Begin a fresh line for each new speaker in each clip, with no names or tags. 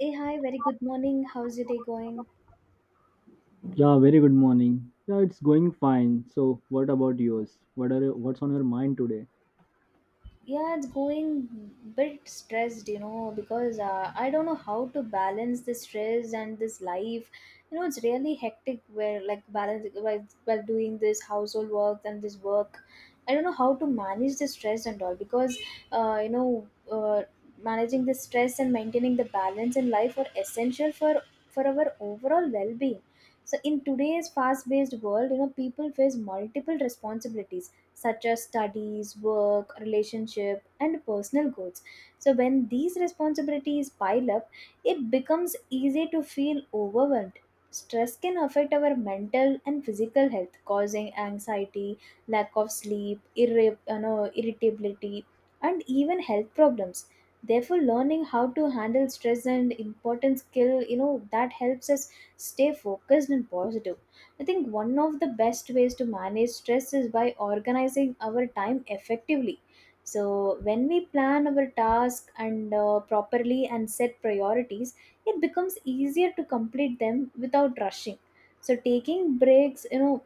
Hey, hi, very good morning. How's your day going?
Yeah, very good morning. Yeah, it's going fine. So, what about yours? What's on your mind today?
Yeah, it's going bit stressed, you know, because I don't know how to balance this stress and this life. You know, it's really hectic where like balance while doing this household work and this work. I don't know how to manage the stress and all because uh, you know uh, managing the stress and maintaining the balance in life are essential for our overall well-being. So in today's fast-paced world, you know, people face multiple responsibilities such as studies, work, relationship, and personal goals. So, when these responsibilities pile up, it becomes easy to feel overwhelmed. Stress can affect our mental and physical health, causing anxiety, lack of sleep, you know, irritability, and even health problems. Therefore, learning how to handle stress and important skill, you know, that helps us stay focused and positive. I think one of the best ways to manage stress is by organizing our time effectively. So, when we plan our task and properly and set priorities, it becomes easier to complete them without rushing. So, taking breaks, you know,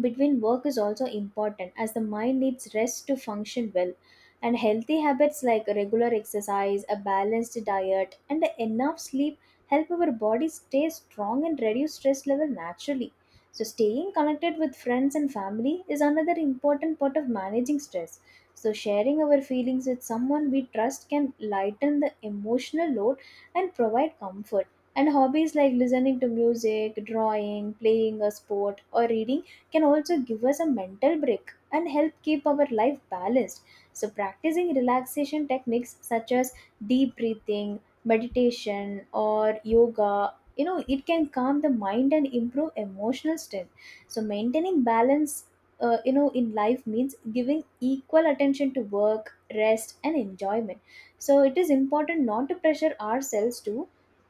between work is also important as the mind needs rest to function well, and healthy habits like regular exercise, a balanced diet, and enough sleep help our body stay strong and reduce stress level naturally. So staying connected with friends and family is another important part of managing stress. So sharing our feelings with someone we trust can lighten the emotional load and provide comfort, and hobbies like listening to music, drawing, playing a sport, or reading can also give us a mental break and help keep our life balanced. So, practicing relaxation techniques such as deep breathing, meditation, or yoga, you know, it can calm the mind and improve emotional strength. So, maintaining balance. You know, in life means giving equal attention to work, rest, and enjoyment. So it is important not to pressure ourselves to,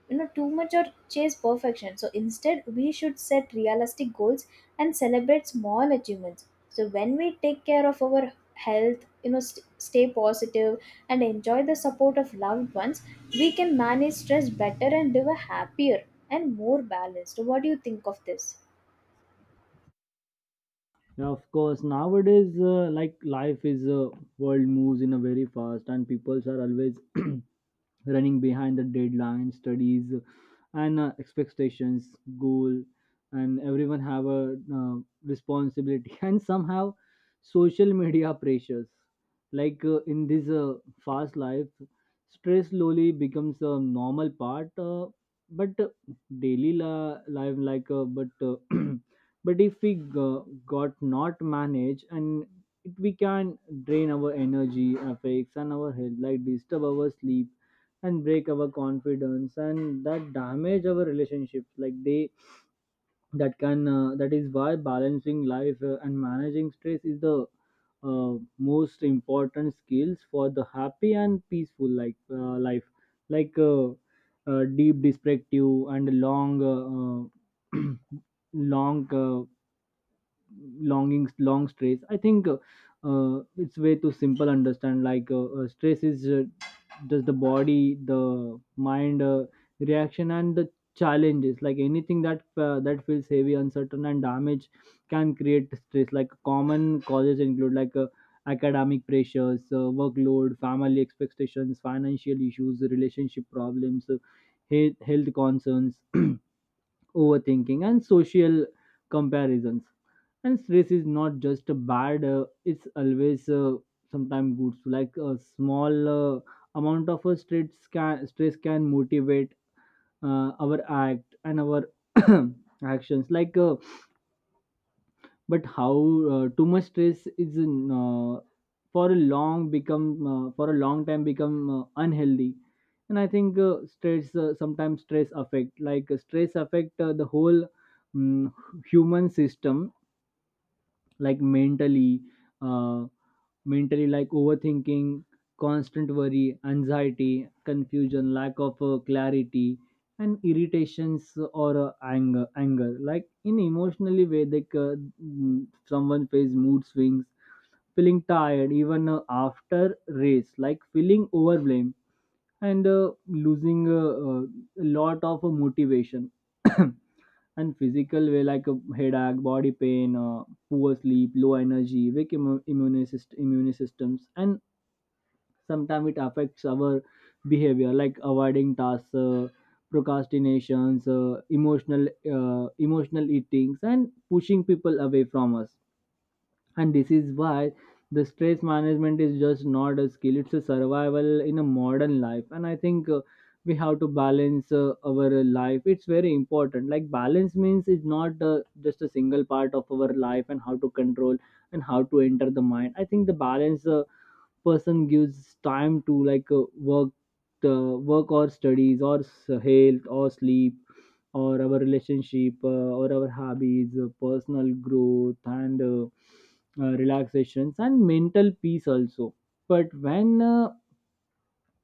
you know, too much or chase perfection. So instead we should set realistic goals and celebrate small achievements. So when we take care of our health, you know, stay positive and enjoy the support of loved ones, we can manage stress better and live a happier and more balanced. So, what do you think of this?
Yeah, of course. Nowadays, like life is world moves in a very fast, and peoples are always running behind the deadline studies and expectations goal, and everyone have a responsibility and somehow social media pressures, like in this fast life stress slowly becomes a normal part but daily life, like but but if we got not managed and it, we can drain our energy affects and our health, like disturb our sleep and break our confidence and that damage our relationships, like they that can that is why balancing life and managing stress is the uh, most important skills for the happy and peaceful, like life like deep descriptive and long uh, uh, long Longing, long stress. I think it's way too simple understand, like stress is just the body the mind reaction and the challenges, like anything that that feels heavy uncertain and damage can create stress. Like common causes include, like academic pressures, workload, family expectations, financial issues, relationship problems, health concerns overthinking and social comparisons. And stress is not just a bad, it's always sometimes good, so like a small amount of a stress can motivate our act and our actions. Like but how too much stress is for a long time become unhealthy. And I think stress sometimes stress affect like stress affect the whole mm, human system, like mentally, uh, like overthinking, constant worry, anxiety, confusion, lack of clarity, and irritations or anger, like in emotionally way they someone face mood swings, feeling tired even after race, like feeling overwhelmed and losing a lot of motivation. And physical way, like a headache, body pain, poor sleep, low energy, weak immune systems. And sometimes it affects our behavior, like avoiding tasks, procrastinations, emotional eatings, and pushing people away from us. And this is why the stress management is just not a skill, it's a survival in a modern life. And I think we have to balance our life, it's very important. Like balance means it's not just a single part of our life and how to control and how to enter the mind. I think the balance person gives time to, like work or studies or health or sleep or our relationship, or our hobbies, personal growth, and relaxations and mental peace also. But when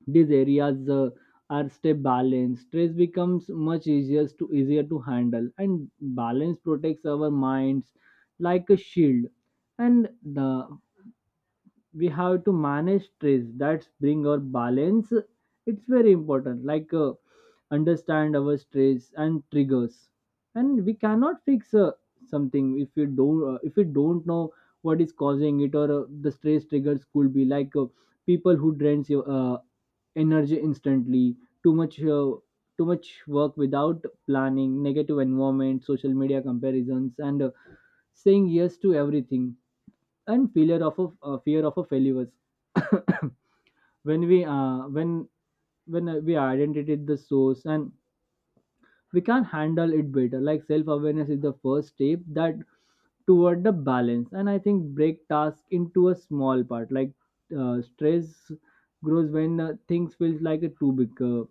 these areas are stay balanced, stress becomes much easier to handle, and balance protects our minds like a shield. And the we have to manage stress that's bring our balance. It's very important, like understand our stress and triggers. And we cannot fix something if you don't know what is causing it. Or the stress triggers could be, like people who drains your energy instantly, too much uh, too much work without planning, negative environment, social media comparisons, and saying yes to everything and failure of a fear of a failures. when we uh, when when we identified the source, and we can handle it better. Like self awareness is the first step that toward the balance. And I think break task into a small part, like stress grows when things feels like a too big uh,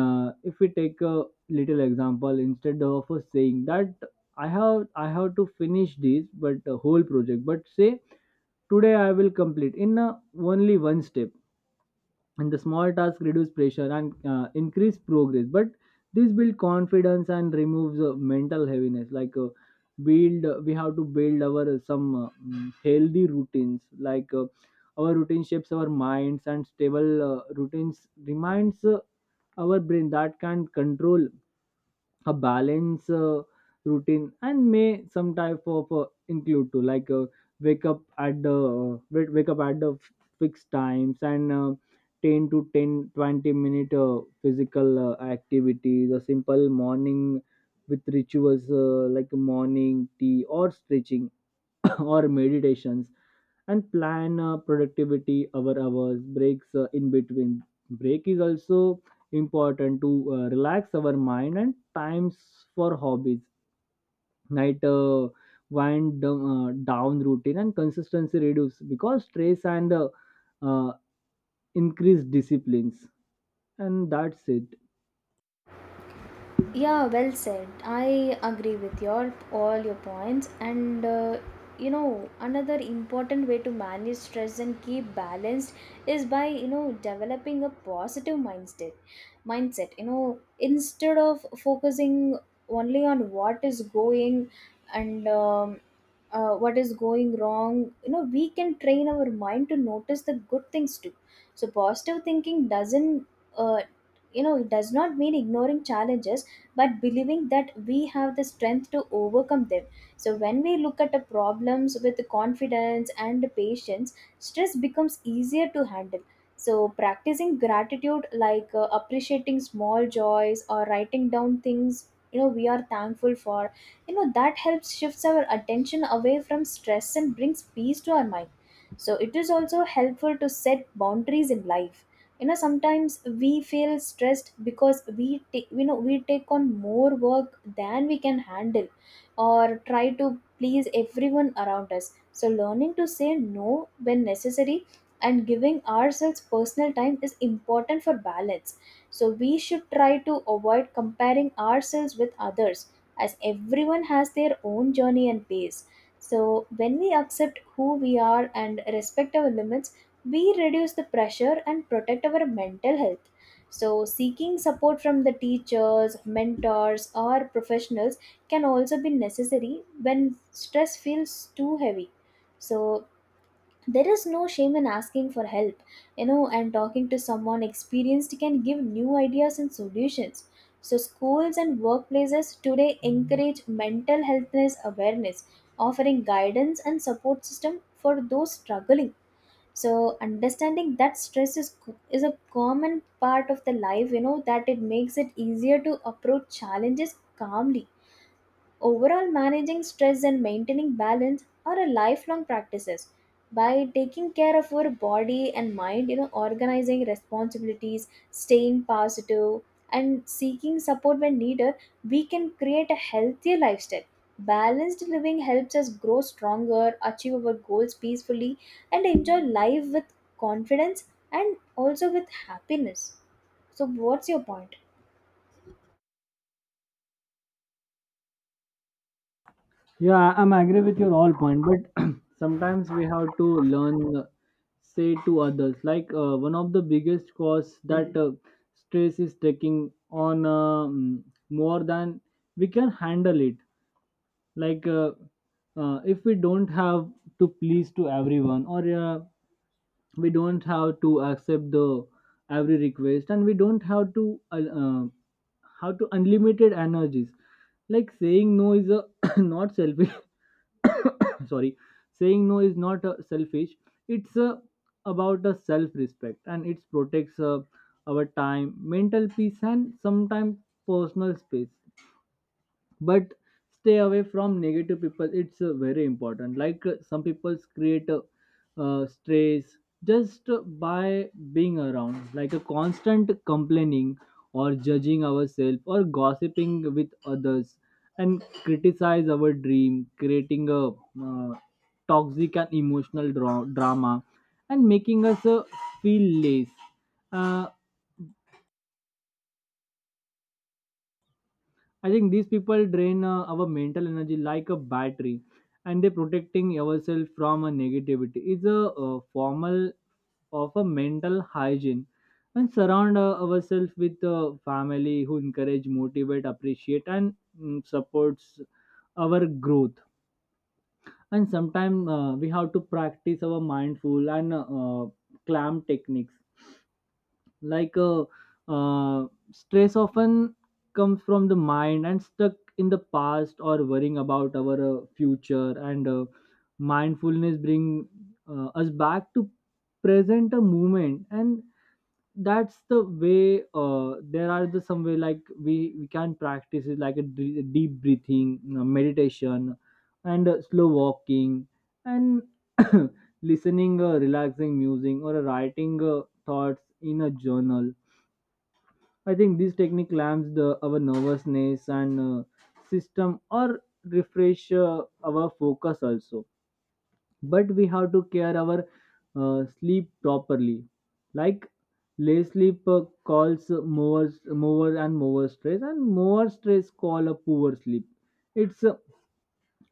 uh, If we take a little example, instead of saying that I have to finish this but whole project, but say today I will complete in only one step. And the small tasks reduce pressure and increase progress, but this build confidence and removes mental heaviness. Like build we have to build our healthy routines, like our routine shapes our minds, and stable routines reminds our brain that can control a balance routine. And may some type of include to, like wake up at the fixed times, and 10 to 10 to 20 minute physical activities, a simple morning with rituals, like morning tea or stretching or meditations, and plan productivity our hours breaks in between. Break is also important to relax our mind, and times for hobbies, night wind down routine. And consistency reduce because stress and uh, increased disciplines. And that's it.
Yeah, well said. I agree with your all your points. And you know, another important way to manage stress and keep balanced is by, you know, developing a positive mindset. Mindset, you know, instead of focusing only on what is going and what is going wrong, you know, we can train our mind to notice the good things too. So positive thinking doesn't, uh, you know, it does not mean ignoring challenges, but believing that we have the strength to overcome them. So when we look at the problems with confidence and patience, stress becomes easier to handle. So practicing gratitude, like appreciating small joys or writing down things, you know, we are thankful for, you know, that helps shifts our attention away from stress and brings peace to our mind. So it is also helpful to set boundaries in life. You know, sometimes we feel stressed because we take, you know, we take on more work than we can handle or try to please everyone around us. So learning to say no when necessary and giving ourselves personal time is important for balance. So we should try to avoid comparing ourselves with others, as everyone has their own journey and pace. So, when we accept who we are and respect our limits, we reduce the pressure and protect our mental health. So, seeking support from the teachers, mentors, or professionals can also be necessary when stress feels too heavy. So, there is no shame in asking for help, you know, and talking to someone experienced can give new ideas and solutions. So schools and workplaces today encourage mental healthness awareness, offering guidance and support system for those struggling. So understanding that stress is a common part of the life, you know, that it makes it easier to approach challenges calmly. Overall, managing stress and maintaining balance are a lifelong practices. By taking care of our body and mind, you know, organizing responsibilities, staying positive, and seeking support when needed, we can create a healthier lifestyle. Balanced living helps us grow stronger, achieve our goals peacefully, and enjoy life with confidence and also with happiness. So, what's your point?
Yeah, I'm agree with your all point, but sometimes we have to learn, say to others. Like one of the biggest cause that stress is taking on more than we can handle it. Like if we don't have to please to everyone, or we don't have to accept the every request, and we don't have to how to unlimited energies. Like saying no is a not selfish. Sorry. Saying no is not selfish, it's about a self respect, and it protects our time, mental peace, and sometimes personal space. But stay away from negative people, it's very important. Like some people create stress just by being around, like a constant complaining or judging ourselves or gossiping with others and criticize our dream, creating a toxic and emotional drama, and making us feel less. uh, I think these people drain our mental energy like a battery, and they're protecting ourselves from a negativity. It's a, formal of a mental hygiene, and surround ourselves with family who encourage, motivate, appreciate, and supports our growth. And sometimes we have to practice our mindful and clam techniques, like uh, stress often comes from the mind and stuck in the past or worrying about our future. And mindfulness bring us back to present a moment. And that's the way, there are the some way like we can practice it, like a deep breathing, you know, meditation and slow walking, and listening relaxing music, or a writing thoughts in a journal. I think this technique calms the our nervousness and system or refresh our focus also. But we have to care our sleep properly. Like less sleep calls more and more stress, and more stress call a poor sleep. It's uh,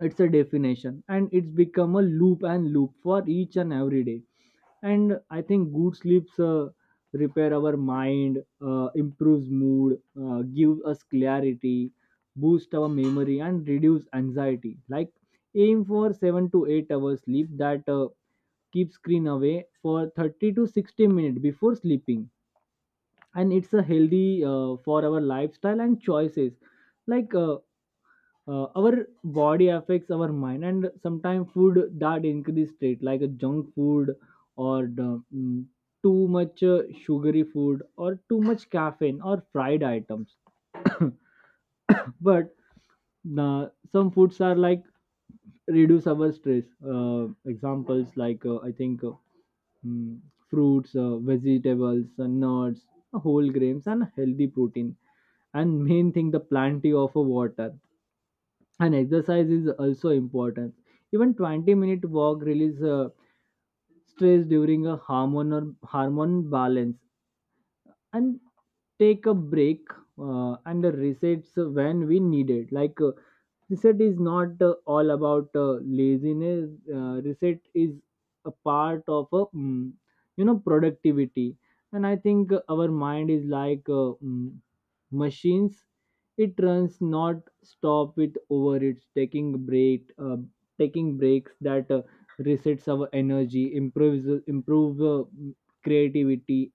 it's a definition, and it's become a loop and loop for each and every day. And I think good sleeps repair our mind, improves mood, gives us clarity, boost our memory and reduce anxiety. Like aim for 7 to 8 hours sleep, that keep screen away for 30 to 60 minutes before sleeping. And it's a healthy for our lifestyle and choices, like our body affects our mind. And sometimes food that increase state, like a junk food or the, too much sugary food or too much caffeine or fried items. But some foods are like reduce our stress, examples like I think mm, fruits, vegetables, nuts, whole grains, and healthy protein. And main thing, the plenty of water. And exercise is also important, even 20-minute walk release stress during a hormone or hormone balance. And take a break and resets when we need it. Like reset is not all about laziness, reset is a part of a you know productivity. And I think our mind is like, machines, it runs not stop with over it's taking breaks that resets our energy, improves improve creativity,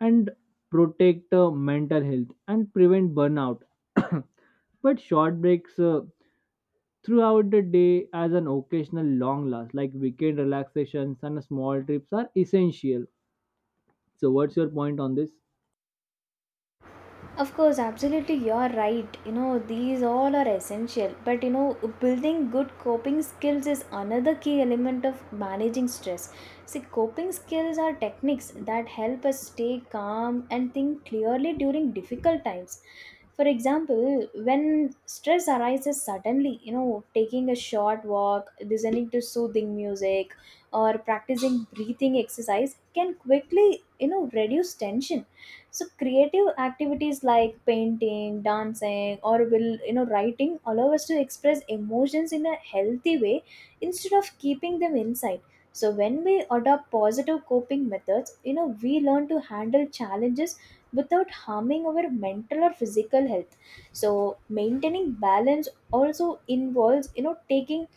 and protect mental health and prevent burnout. But short breaks throughout the day as an occasional long last, like weekend relaxations and small trips are essential. So what's your point on this?
Of course, absolutely, you're right. You know, these all are essential. But you know, building good coping skills is another key element of managing stress. See, coping skills are techniques that help us stay calm and think clearly during difficult times. For example, when stress arises suddenly, you know, taking a short walk, listening to soothing music, or practicing breathing exercise can quickly, you know, reduce tension. So creative activities like painting, dancing, or will, you know, writing allow us to express emotions in a healthy way instead of keeping them inside. So when we adopt positive coping methods, you know, we learn to handle challenges without harming our mental or physical health. So maintaining balance also involves, you know, taking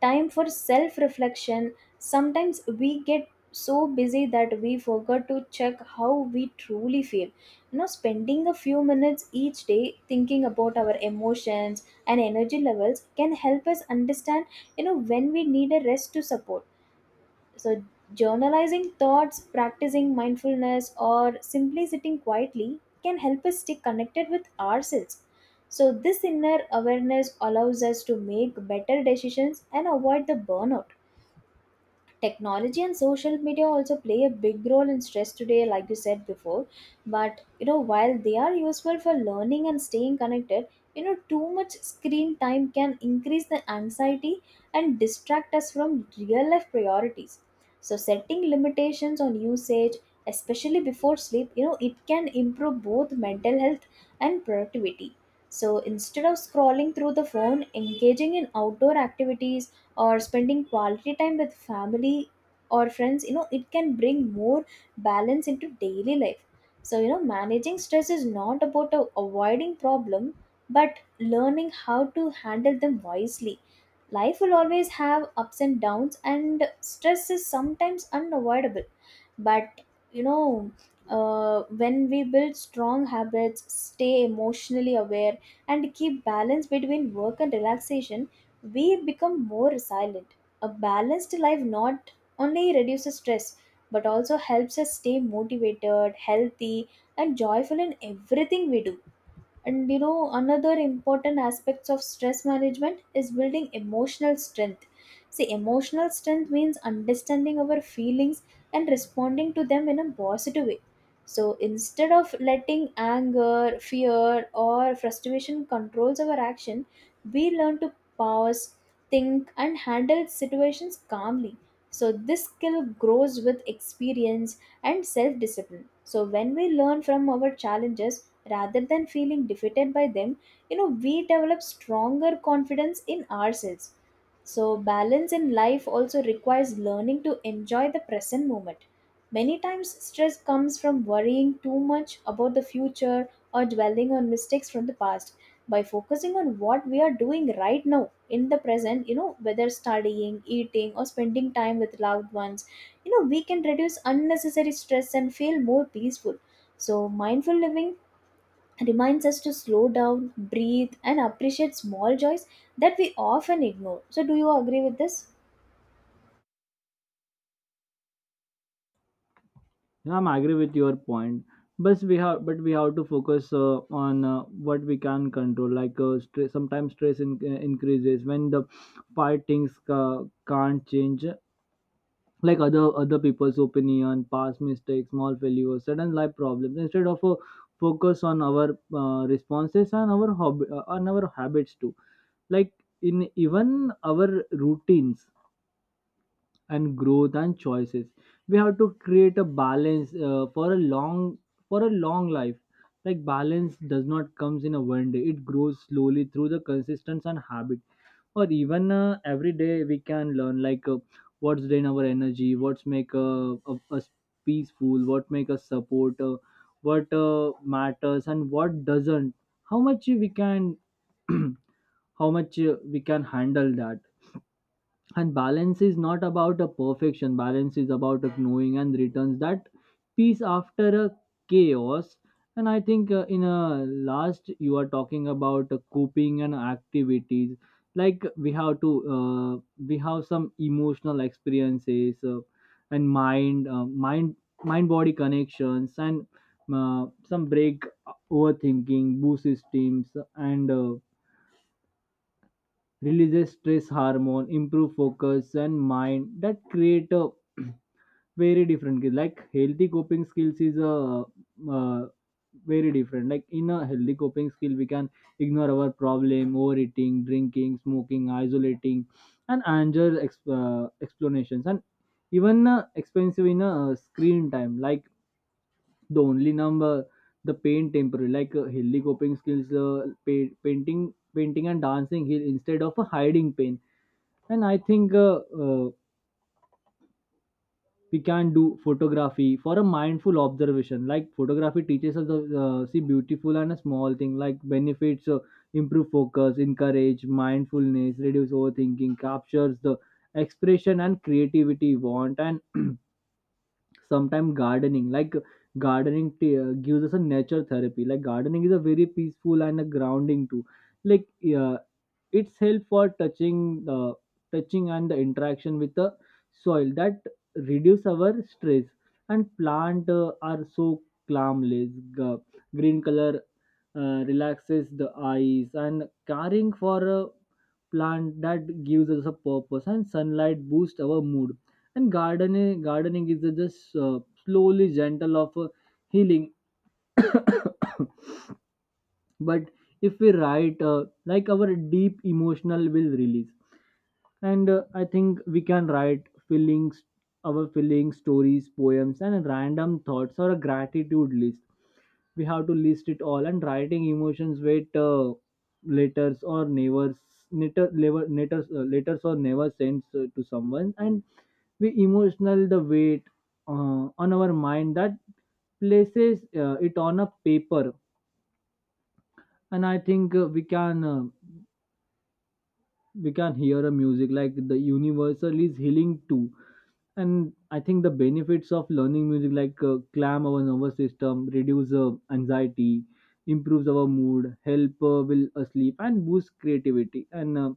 time for self reflection. Sometimes we get so busy that we forget to check how we truly feel. You know, spending a few minutes each day thinking about our emotions and energy levels can help us understand, you know, when we need a rest to support. So journalizing thoughts, practicing mindfulness, or simply sitting quietly can help us stay connected with ourselves. So this inner awareness allows us to make better decisions and avoid the burnout. Technology and social media also play a big role in stress today, like you said before. But you know, while they are useful for learning and staying connected, you know, too much screen time can increase the anxiety and distract us from real life priorities. So setting limitations on usage, especially before sleep, you know, it can improve both mental health and productivity. So instead of scrolling through the phone, engaging in outdoor activities or spending quality time with family or friends, you know, it can bring more balance into daily life. So you know, managing stress is not about, avoiding problem, but learning how to handle them wisely. Life will always have ups and downs, and stress is sometimes unavoidable. But, you know, when we build strong habits, stay emotionally aware, and keep balance between work and relaxation, we become more resilient. A balanced life not only reduces stress, but also helps us stay motivated, healthy, and joyful in everything we do. And you know, another important aspects of stress management is building emotional strength. See, emotional strength means understanding our feelings and responding to them in a positive way. So instead of letting anger, fear, or frustration controls our action, we learn to pause, think, and handle situations calmly. So this skill grows with experience and self-discipline. So when we learn from our challenges, rather than feeling defeated by them, you know, we develop stronger confidence in ourselves. So balance in life also requires learning to enjoy the present moment. Many times stress comes from worrying too much about the future or dwelling on mistakes from the past. By focusing on what we are doing right now in the present, you know, whether studying, eating, or spending time with loved ones, you know, we can reduce unnecessary stress and feel more peaceful. So mindful living reminds us to slow down, breathe, and appreciate small joys that we often ignore. So, do you agree with this?
Yeah, I'm agree with your point, but we have to focus on what we can control. Like stress sometimes stress in, increases when the 5 things can't change, like other people's opinion, past mistakes, small failures, sudden life problems. Instead of focus on our responses and our hobby on our habits too, like in even our routines and growth and choices, we have to create a balance for a long life. Like balance does not comes in a one day, it grows slowly through the consistency and habit, or even every day we can learn, like what's drain our energy, what's make of us peaceful, what make us support, what matters and what doesn't, how much we can how much we can handle that. And balance is not about a perfection, balance is about of knowing and returns that peace after a chaos. And I think in a last you are talking about coping and activities. Like we have to we have some emotional experiences, and mind mind body connections, and some break overthinking boost systems, and releases stress hormone, improve focus and mind that create a very different skill. Like healthy coping skills is a uh, very different. Like in a healthy coping skill we can ignore our problem, overeating, drinking, smoking, isolating, and anger explanations, and even expensive in a screen time, like the only number, the pain temporary. Like healthy coping skills painting and dancing here instead of a hiding pain. And I think uh, we can do photography for a mindful observation. Like photography teaches us to see beautiful and a small thing. Like benefits improve focus, encourage mindfulness, reduce overthinking, captures the expression and creativity want. And sometimes gardening, like gardening gives us a nature therapy. Like gardening is a very peaceful and a grounding too. Like uh, it's help for touching and the interaction with the soil that reduce our stress. And plant are so calmless. Green color relaxes the eyes, and caring for a plant that gives us a purpose, and sunlight boosts our mood. And gardening is a just slowly gentle of healing. But if we write like our deep emotional will release. And I think we can write feelings, our feelings, stories, poems, and random thoughts, or a gratitude list. We have to list it all. And writing emotions with letters or never letters or never sends to someone, and we emotional the weight on our mind, that places it on a paper. And I think we can hear a music, like the universal is healing too. And I think the benefits of learning music, like calm our nervous system, reduce anxiety, improves our mood, help will sleep and boost creativity, and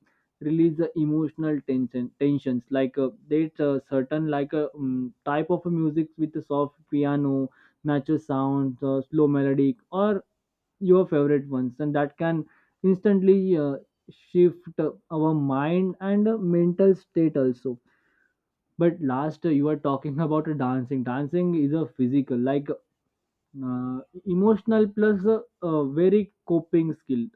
release the emotional tensions. Like there's a certain like a type of music with a soft piano, natural sounds, slow melodic, or your favorite ones, and that can instantly shift our mind and mental state also. But last you are talking about a dancing. Dancing is a physical, like uh, emotional plus very coping skill.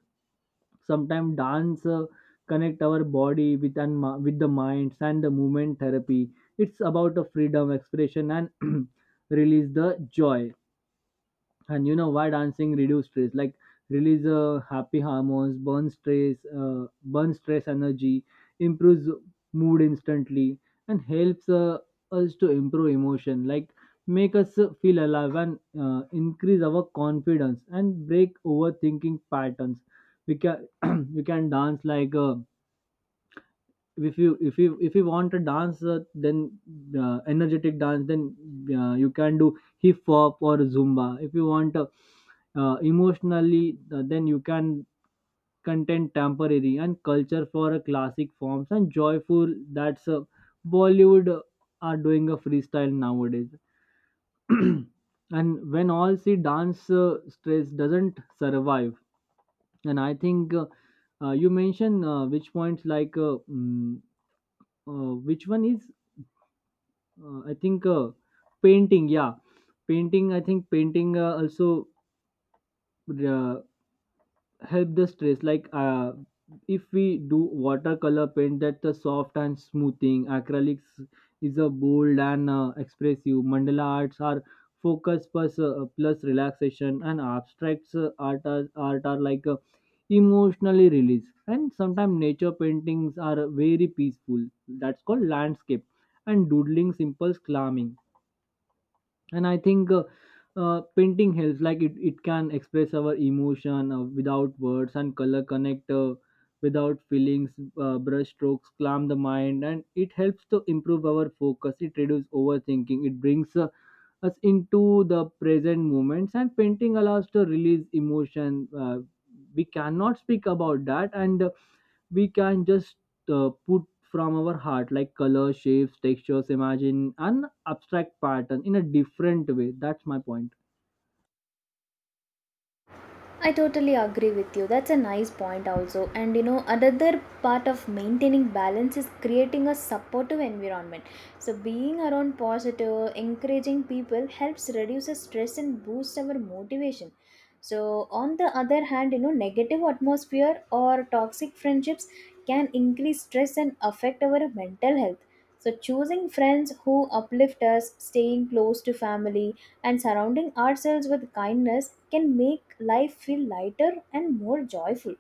Sometimes dance connect our body with and with the minds and the movement therapy. It's about a freedom expression and release the joy. And you know why dancing reduce stress? Like release happy hormones, burn stress, uh, burn stress energy, improves mood instantly, and helps us to improve emotion, like make us feel alive, and increase our confidence, and break overthinking patterns. We can we can dance like if you want a dance then energetic dance, then you can do hip hop or zumba. If you want emotionally then you can content temporary and culture for a classic forms and joyful, that's Bollywood are doing a freestyle nowadays. And when all see dance stress doesn't survive. And I think you mentioned which points, like which one is I think painting, yeah, painting. I think painting also uh, help the stress. Like if we do watercolor paint, that's a soft and smoothing. Acrylics is a bold and expressive. Mandala arts are focus plus plus relaxation, and abstracts art are like emotionally release. And sometimes nature paintings are very peaceful. That's called landscape, and doodling simple calming. And I think painting helps, like it can express our emotion without words, and color connect without feelings, brush strokes calm the mind, and it helps to improve our focus, it reduces overthinking, it brings us into the present moments. And painting allows to release emotion we cannot speak about that, and we can just put from our heart, like color shapes textures, imagine an abstract pattern in a different way. That's my point.
I totally agree with you. That's a nice point, also. And you know, another part of maintaining balance is creating a supportive environment. So, being around positive, encouraging people helps reduce the stress and boost our motivation. So, on the other hand, you know, negative atmosphere or toxic friendships can increase stress and affect our mental health. So, choosing friends who uplift us, staying close to family, and surrounding ourselves with kindness can make life feel lighter and more joyful.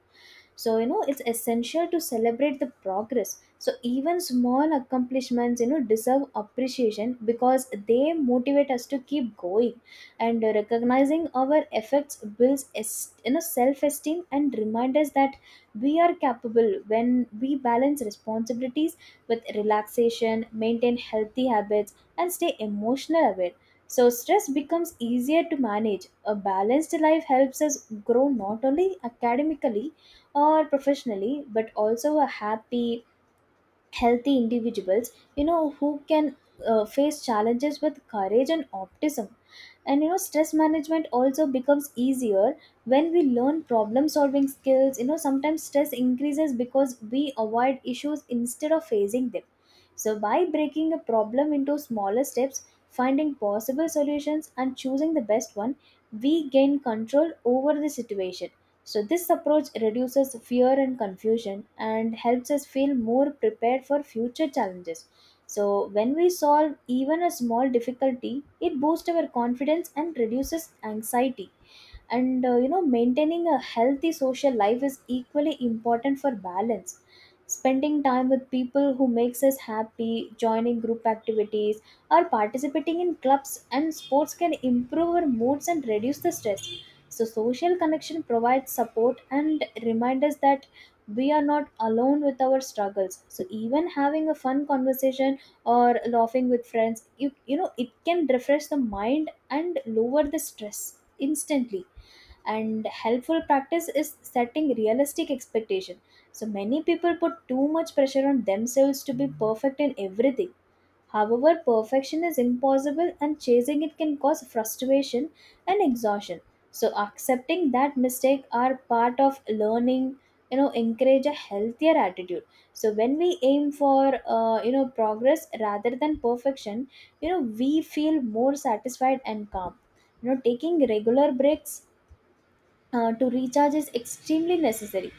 So you know, it's essential to celebrate the progress. So even small accomplishments, you know, deserve appreciation because they motivate us to keep going. And recognizing our efforts builds you know, self-esteem and remind us that we are capable. When we balance responsibilities with relaxation, maintain healthy habits, and stay emotional aware, so stress becomes easier to manage. A balanced life helps us grow not only academically or professionally, but also a happy, healthy individuals, you know, who can face challenges with courage and optimism. And you know, stress management also becomes easier when we learn problem solving skills. You know, sometimes stress increases because we avoid issues instead of facing them. So by breaking a problem into smaller steps, finding possible solutions, and choosing the best one, we gain control over the situation. So, this approach reduces fear and confusion and helps us feel more prepared for future challenges. So, when we solve even a small difficulty, it boosts our confidence and reduces anxiety. And you know, maintaining a healthy social life is equally important for balance. Spending time with people who makes us happy, joining group activities, or participating in clubs and sports can improve our moods and reduce the stress. So social connection provides support and remind us that we are not alone with our struggles. So even having a fun conversation or laughing with friends, you know, it can refresh the mind and lower the stress instantly. And helpful practice is setting realistic expectation. So many people put too much pressure on themselves to be perfect in everything. However, perfection is impossible, and chasing it can cause frustration and exhaustion. So accepting that mistake are part of learning, you know, encourage a healthier attitude. So when we aim for, you know, progress rather than perfection, you know, we feel more satisfied and calm. You know, taking regular breaks to recharge is extremely necessary.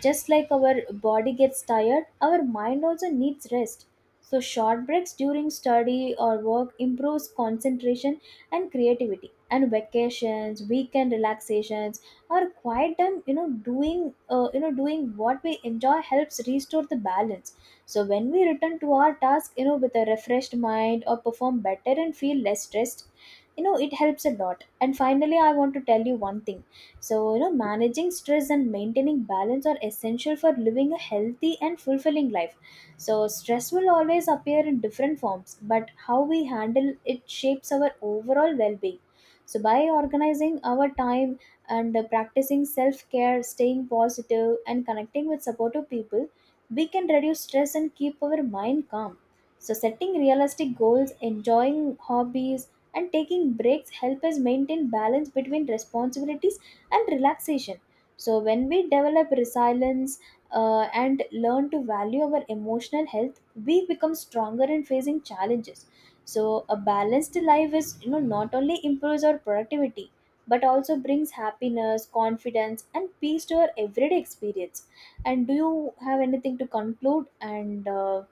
Just like our body gets tired, our mind also needs rest. So, short breaks during study or work improves concentration and creativity. And vacations, weekend relaxations, or quiet time, you know, you know, doing what we enjoy helps restore the balance. So, when we return to our task, you know, with a refreshed mind or perform better and feel less stressed, you know, it helps a lot. And finally, I want to tell you one thing. So, you know, managing stress and maintaining balance are essential for living a healthy and fulfilling life. So, stress will always appear in different forms, but how we handle it shapes our overall well being. So, by organizing our time and practicing self care, staying positive, and connecting with supportive people, we can reduce stress and keep our mind calm. So, setting realistic goals, enjoying hobbies, and taking breaks help us maintain balance between responsibility and relaxation. So, when we develop resilience and learn to value our emotional health, we become stronger in facing challenges. So, a balanced life is, you know, not only improves our productivity but also brings happiness, confidence, and peace to our everyday experience. And do you have anything to conclude? And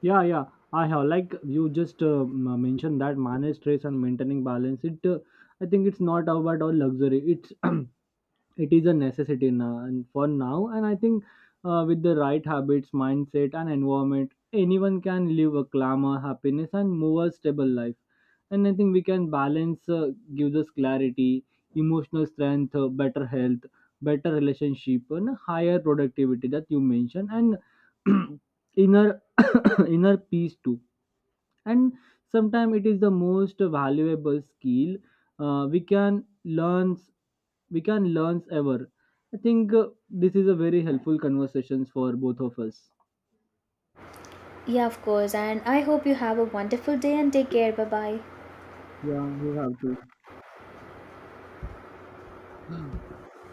Yeah, yeah, I have. Like you just mentioned that manage stress and maintaining balance, it I think it's not about our luxury, it's it is a necessity now, and for now. And I think with the right habits, mindset and environment, anyone can live a glamour, happiness, and more stable life. And I think we can balance, gives us clarity, emotional strength, better health, better relationship, and higher productivity that you mentioned, and inner inner peace too. And sometimes it is the most valuable skill we can learn, we can learn ever. I think this is a very helpful conversations for both of us.
yeah, of course. And I hope you have a wonderful day and take care. Bye bye.
Yeah, you have to.